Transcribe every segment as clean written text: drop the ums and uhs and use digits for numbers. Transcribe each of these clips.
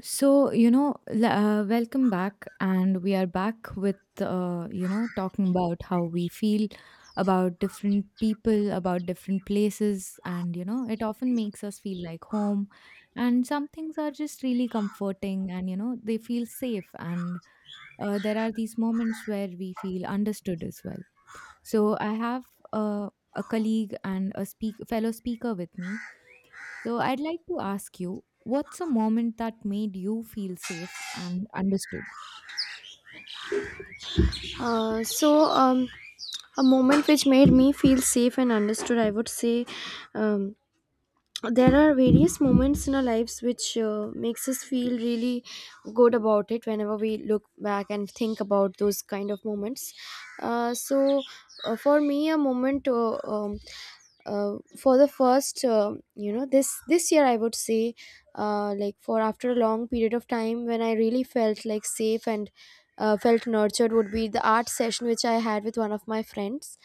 So, you know, welcome back. And we are back with, you know, talking about how we feel about different people, about different places. And, you know, it often makes us feel like home. And some things are just really comforting and, you know, they feel safe. And there are these moments where we feel understood as well. So, I have a colleague and a fellow speaker with me, so I'd like to ask you, what's a moment that made you feel safe and understood? Uh, so, um, a moment which made me feel safe and understood, I would say. Um, there are various moments in our lives which makes us feel really good about it whenever we look back and think about those kind of moments uh, so for me a moment for the first, this year I would say, like for after a long period of time when I really felt like safe and felt nurtured would be the art session which I had with one of my friends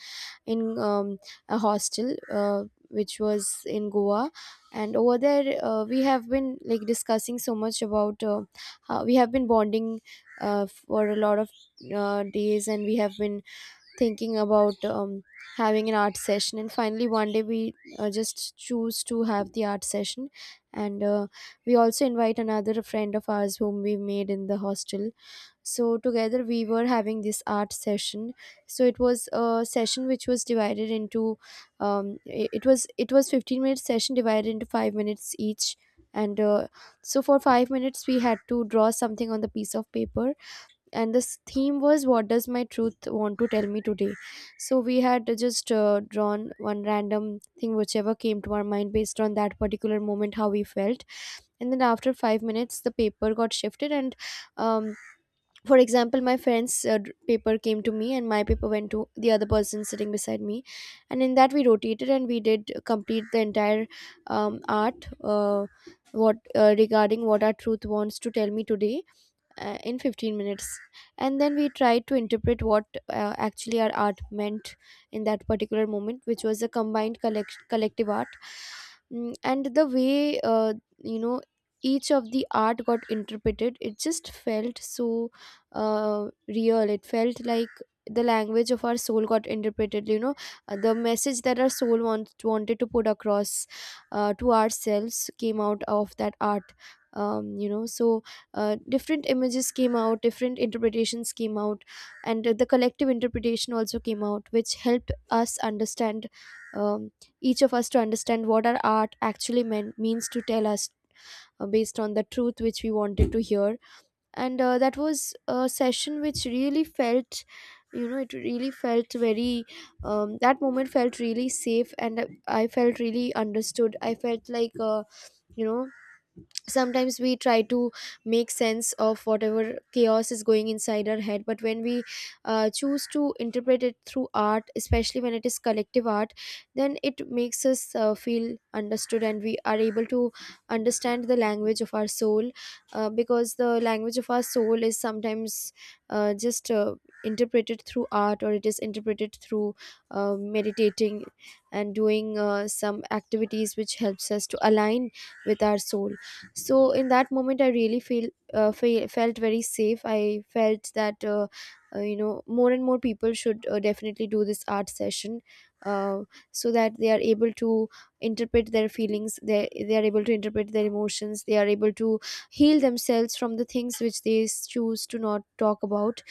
in a hostel which was in Goa, and over there we have been like discussing so much about how we have been bonding for a lot of days, and we have been thinking about having an art session, and finally one day we just choose to have the art session. And we also invite another friend of ours whom we made in the hostel, so together we were having this art session. So it was a session which was divided into it was 15-minute session divided into 5 minutes each. And so for 5 minutes we had to draw something on the piece of paper, and this theme was what does my truth want to tell me today. So we had just drawn one random thing whichever came to our mind based on that particular moment, how we felt. And then after 5 minutes the paper got shifted and, um, for example, my friend's paper came to me and my paper went to the other person sitting beside me. And in that we rotated, and we did complete the entire art what regarding what our truth wants to tell me today in 15 minutes. And then we tried to interpret what actually our art meant in that particular moment, which was a combined collective art. And the way you know each of the art got interpreted, it just felt so real. It felt like the language of our soul got interpreted, you know. The message that our soul wants wanted to put across to ourselves came out of that art, um, you know so different images came out, different interpretations came out, and the collective interpretation also came out, which helped us understand, um, each of us to understand what our art actually meant means to tell us based on the truth which we wanted to hear. And that was a session which really felt, you know, it really felt very, that moment felt really safe, and I felt really understood. I felt like, you know sometimes we try to make sense of whatever chaos is going inside our head, but when we choose to interpret it through art, especially when it is collective art, then it makes us feel understood, and we are able to understand the language of our soul. Because the language of our soul is sometimes just interpreted through art, or it is interpreted through meditating and doing some activities which helps us to align with our soul. So in that moment I really felt very safe. I felt that, more and more people should definitely do this art session, uh, so that they are able to interpret their feelings. They are able to interpret their emotions, they are able to heal themselves from the things which they choose to not talk about.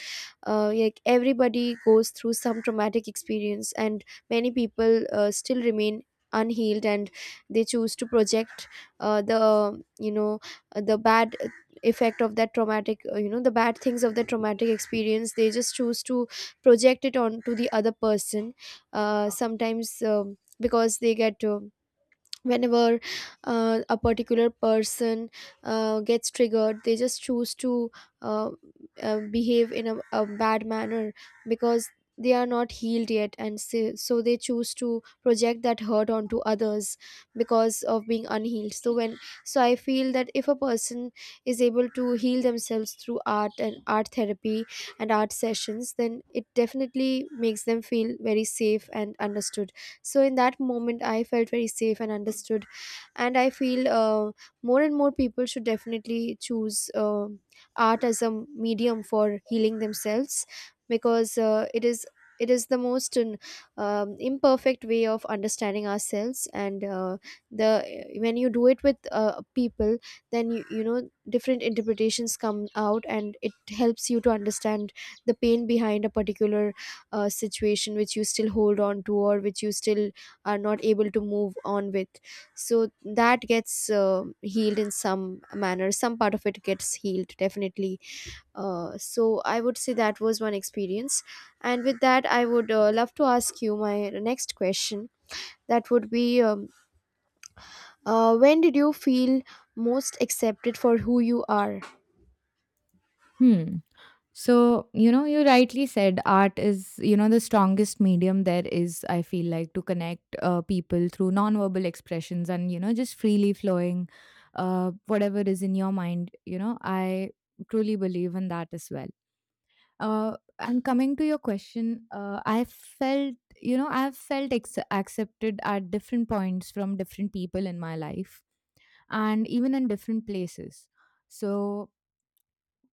Like everybody goes through some traumatic experience, and many people still remain unhealed, and they choose to project the you know the bad effect of that traumatic, the bad things of the traumatic experience, they just choose to project it onto the other person. Sometimes, because they get whenever a particular person gets triggered, they just choose to uh, behave in a bad manner, because they are not healed yet. And so they choose to project that hurt onto others because of being unhealed. So when, so I feel that if a person is able to heal themselves through art and art therapy and art sessions, then it definitely makes them feel very safe and understood. So in that moment, I felt very safe and understood. And I feel, more and more people should definitely choose art as a medium for healing themselves, because it is, it is the most imperfect way of understanding ourselves. And the, when you do it with people, then you know, different interpretations come out, and it helps you to understand the pain behind a particular situation which you still hold on to, or which you still are not able to move on with. So that gets healed in some manner, some part of it gets healed definitely. So I would say that was one experience. And with that I would love to ask you my next question. That would be, when did you feel most accepted for who you are? Hmm. So, you know, you rightly said art is, you know, the strongest medium there is, I feel like, to connect people through nonverbal expressions and, you know, just freely flowing whatever is in your mind. You know, I truly believe in that as well. And coming to your question, I felt, you know, I've accepted at different points from different people in my life and even in different places. So,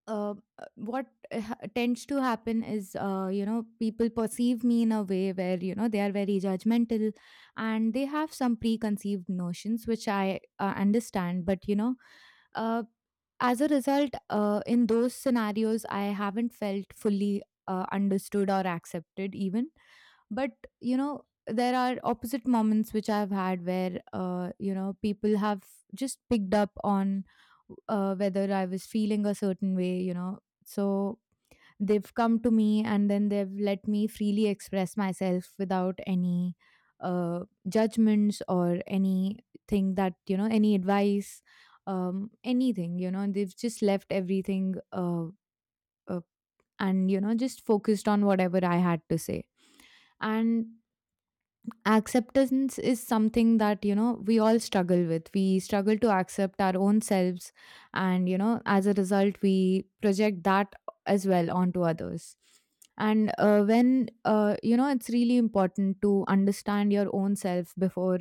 uh, what tends to happen is, you know, people perceive me in a way where, you know, they are very judgmental, and they have some preconceived notions, which I understand. But, you know, uh, as a result, in those scenarios, I haven't felt fully understood or accepted, even. But you know, there are opposite moments which I've had where, you know, people have just picked up on whether I was feeling a certain way, you know. So they've come to me, and then they've let me freely express myself without any judgments or anything, that, you know, any advice, anything, you know, they've just left everything, uh, and, you know, just focused on whatever I had to say. And acceptance is something that, you know, we all struggle with. We struggle to accept our own selves, and, you know, as a result, we project that as well onto others. And uh, when uh, you know, it's really important to understand your own self before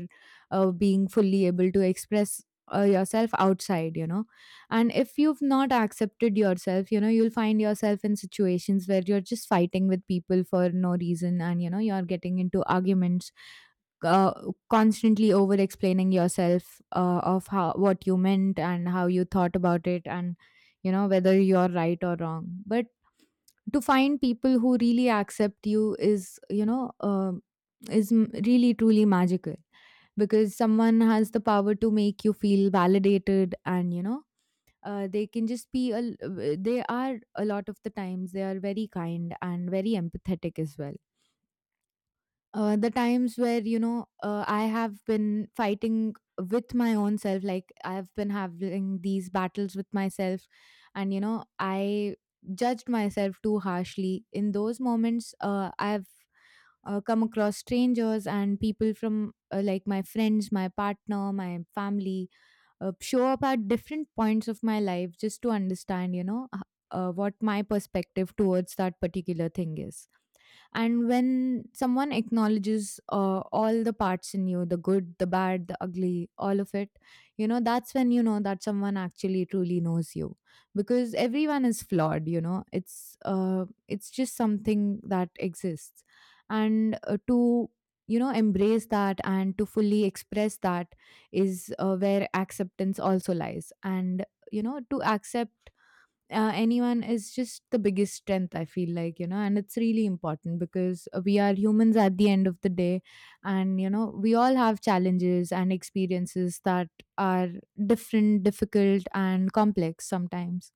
being fully able to express yourself outside, you know. And if you've not accepted yourself, you know, you'll find yourself in situations where you're just fighting with people for no reason, and, you know, you're getting into arguments, uh, constantly over explaining yourself, of how, what you meant and how you thought about it, and, you know, whether you're right or wrong. But to find people who really accept you is, you know, is really truly magical, because someone has the power to make you feel validated. And, you know, they can just be a, they are, a lot of the times they are very kind and very empathetic as well. The times where, you know, I have been fighting with my own self, like I've been having these battles with myself, and, you know, I judged myself too harshly in those moments, I've come across strangers and people from, like my friends, my partner, my family, show up at different points of my life just to understand, you know, what my perspective towards that particular thing is. And when someone acknowledges all the parts in you, the good, the bad, the ugly, all of it, you know, that's when you know that someone actually truly knows you. Because everyone is flawed, you know. It's just something that exists. And uh, to you know, embrace that and to fully express that is where acceptance also lies. And, you know, to accept anyone is just the biggest strength, I feel like, you know. And it's really important, because we are humans at the end of the day. And, you know, we all have challenges and experiences that are different, difficult and complex sometimes.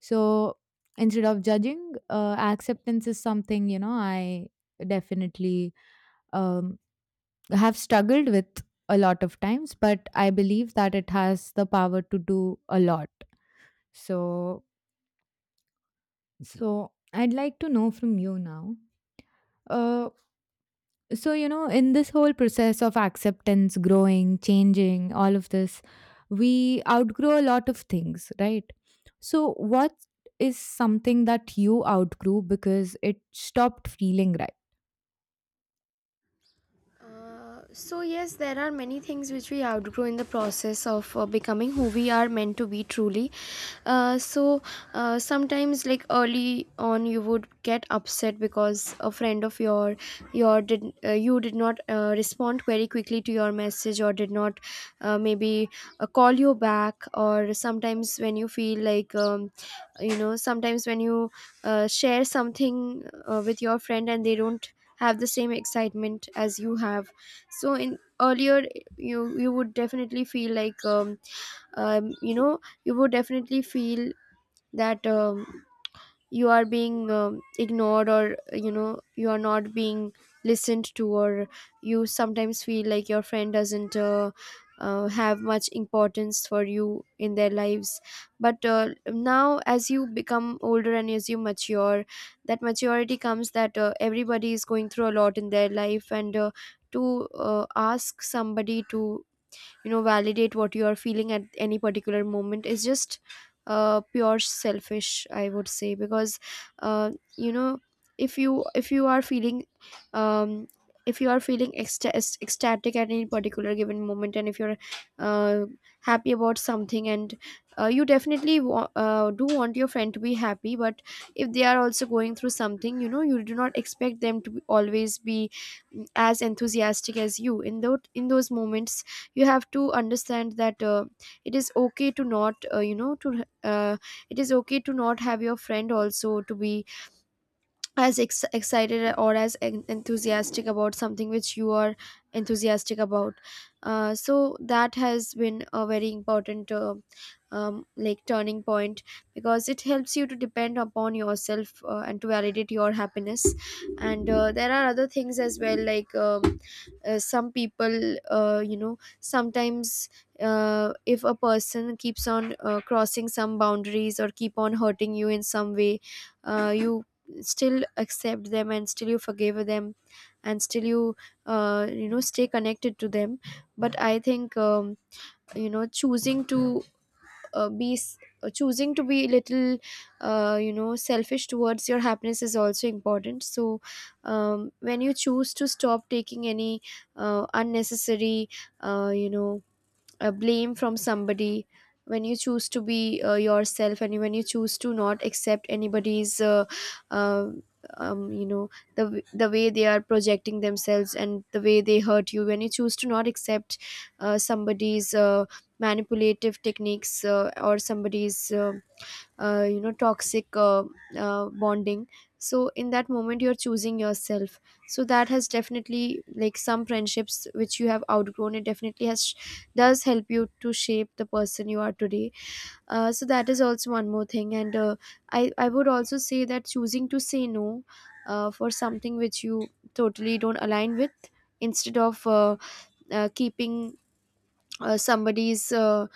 So instead of judging, acceptance is something, you know, I definitely um, have struggled with a lot of times. But I believe that it has the power to do a lot. So so, I'd like to know from you now. Uh, so, you know, in this whole process of acceptance, growing, changing, all of this, we outgrow a lot of things, right? So, what is something that you outgrew because it stopped feeling right? So yes, there are many things which we outgrow in the process of becoming who we are meant to be truly. uh, so Sometimes, like early on, you would get upset because a friend of your did you did not respond very quickly to your message, or did not, maybe, call you back. Or sometimes when you feel like, sometimes when you share something with your friend and they don't have the same excitement as you have, so in earlier, you would definitely feel like, um you know you would definitely feel that, you are being, ignored, or you know, you are not being listened to, or you sometimes feel like your friend doesn't have much importance for you in their lives. But now as you become older and as you mature, that maturity comes, that everybody is going through a lot in their life. And to ask somebody to, you know, validate what you are feeling at any particular moment is just pure selfish, I would say, because, uh, you know if you, if you are feeling, um, if you are feeling ecstatic at any particular given moment, and if you're uh, happy about something, and you definitely do want your friend to be happy, but if they are also going through something, you know, you do not expect them to be, always be, as enthusiastic as you in those, in those moments. You have to understand that it is okay to not, to, uh, it is okay to not have your friend also to be as excited or as enthusiastic about something which you are enthusiastic about. So that has been a very important like turning point, because it helps you to depend upon yourself and to validate your happiness. And there are other things as well, like, some people, sometimes, if a person keeps on crossing some boundaries or keep on hurting you in some way, you still accept them and still you forgive them and still you, you know stay connected to them. But I think, choosing to choosing to be a little, selfish towards your happiness is also important. So, when you choose to stop taking any unnecessary, uh, you know blame from somebody, when you choose to be yourself, and when you choose to not accept anybody's, uh, um, you know the way they are projecting themselves and the way they hurt you, when you choose to not accept somebody's manipulative techniques, or somebody's toxic bonding, so in that moment you're choosing yourself. So that has definitely, like some friendships which you have outgrown, it definitely has, does help you to shape the person you are today. So that is also one more thing. And I would also say that choosing to say no for something which you totally don't align with, instead of, keeping somebody's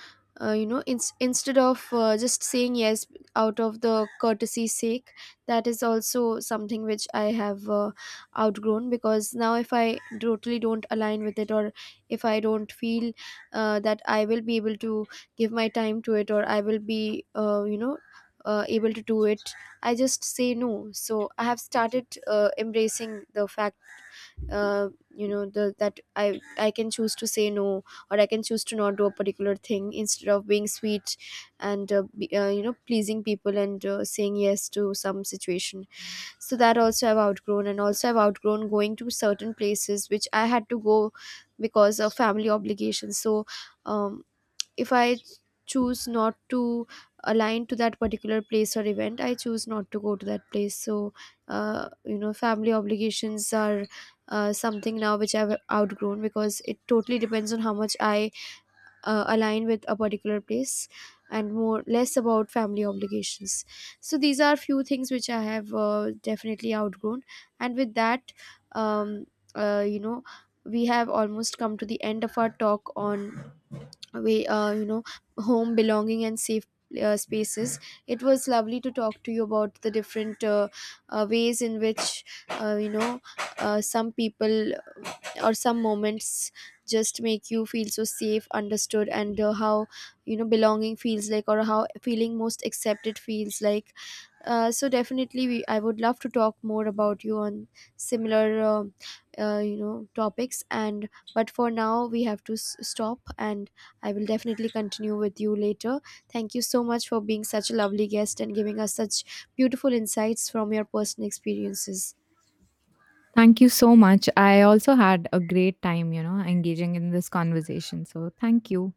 you know ins- instead of just saying yes out of the courtesy sake, that is also something which I have outgrown, because now if I totally don't align with it, or if I don't feel that I will be able to give my time to it, or I will be, able to do it, I just say no. So I have started embracing the fact, uh, that I can choose to say no, or I can choose to not do a particular thing instead of being sweet, and be, you know pleasing people and saying yes to some situation. So that also I've outgrown. And also I've outgrown going to certain places which I had to go because of family obligations. So, um, if I choose not to align to that particular place or event, I choose not to go to that place. So, family obligations are something now which I've outgrown, because it totally depends on how much I align with a particular place, and more less about family obligations. So, these are few things which I have definitely outgrown. And with that, um, uh, you know, we have almost come to the end of our talk on, we you know home, belonging, and safe spaces. It was lovely to talk to you about the different ways in which, some people or some moments just make you feel so safe, understood, and how, you know, belonging feels like, or how feeling most accepted feels like. So definitely, we, I would love to talk more about you on similar, topics. And But for now, we have to stop, and I will definitely continue with you later. Thank you so much for being such a lovely guest and giving us such beautiful insights from your personal experiences. Thank you so much. I also had a great time, you know, engaging in this conversation. So, thank you.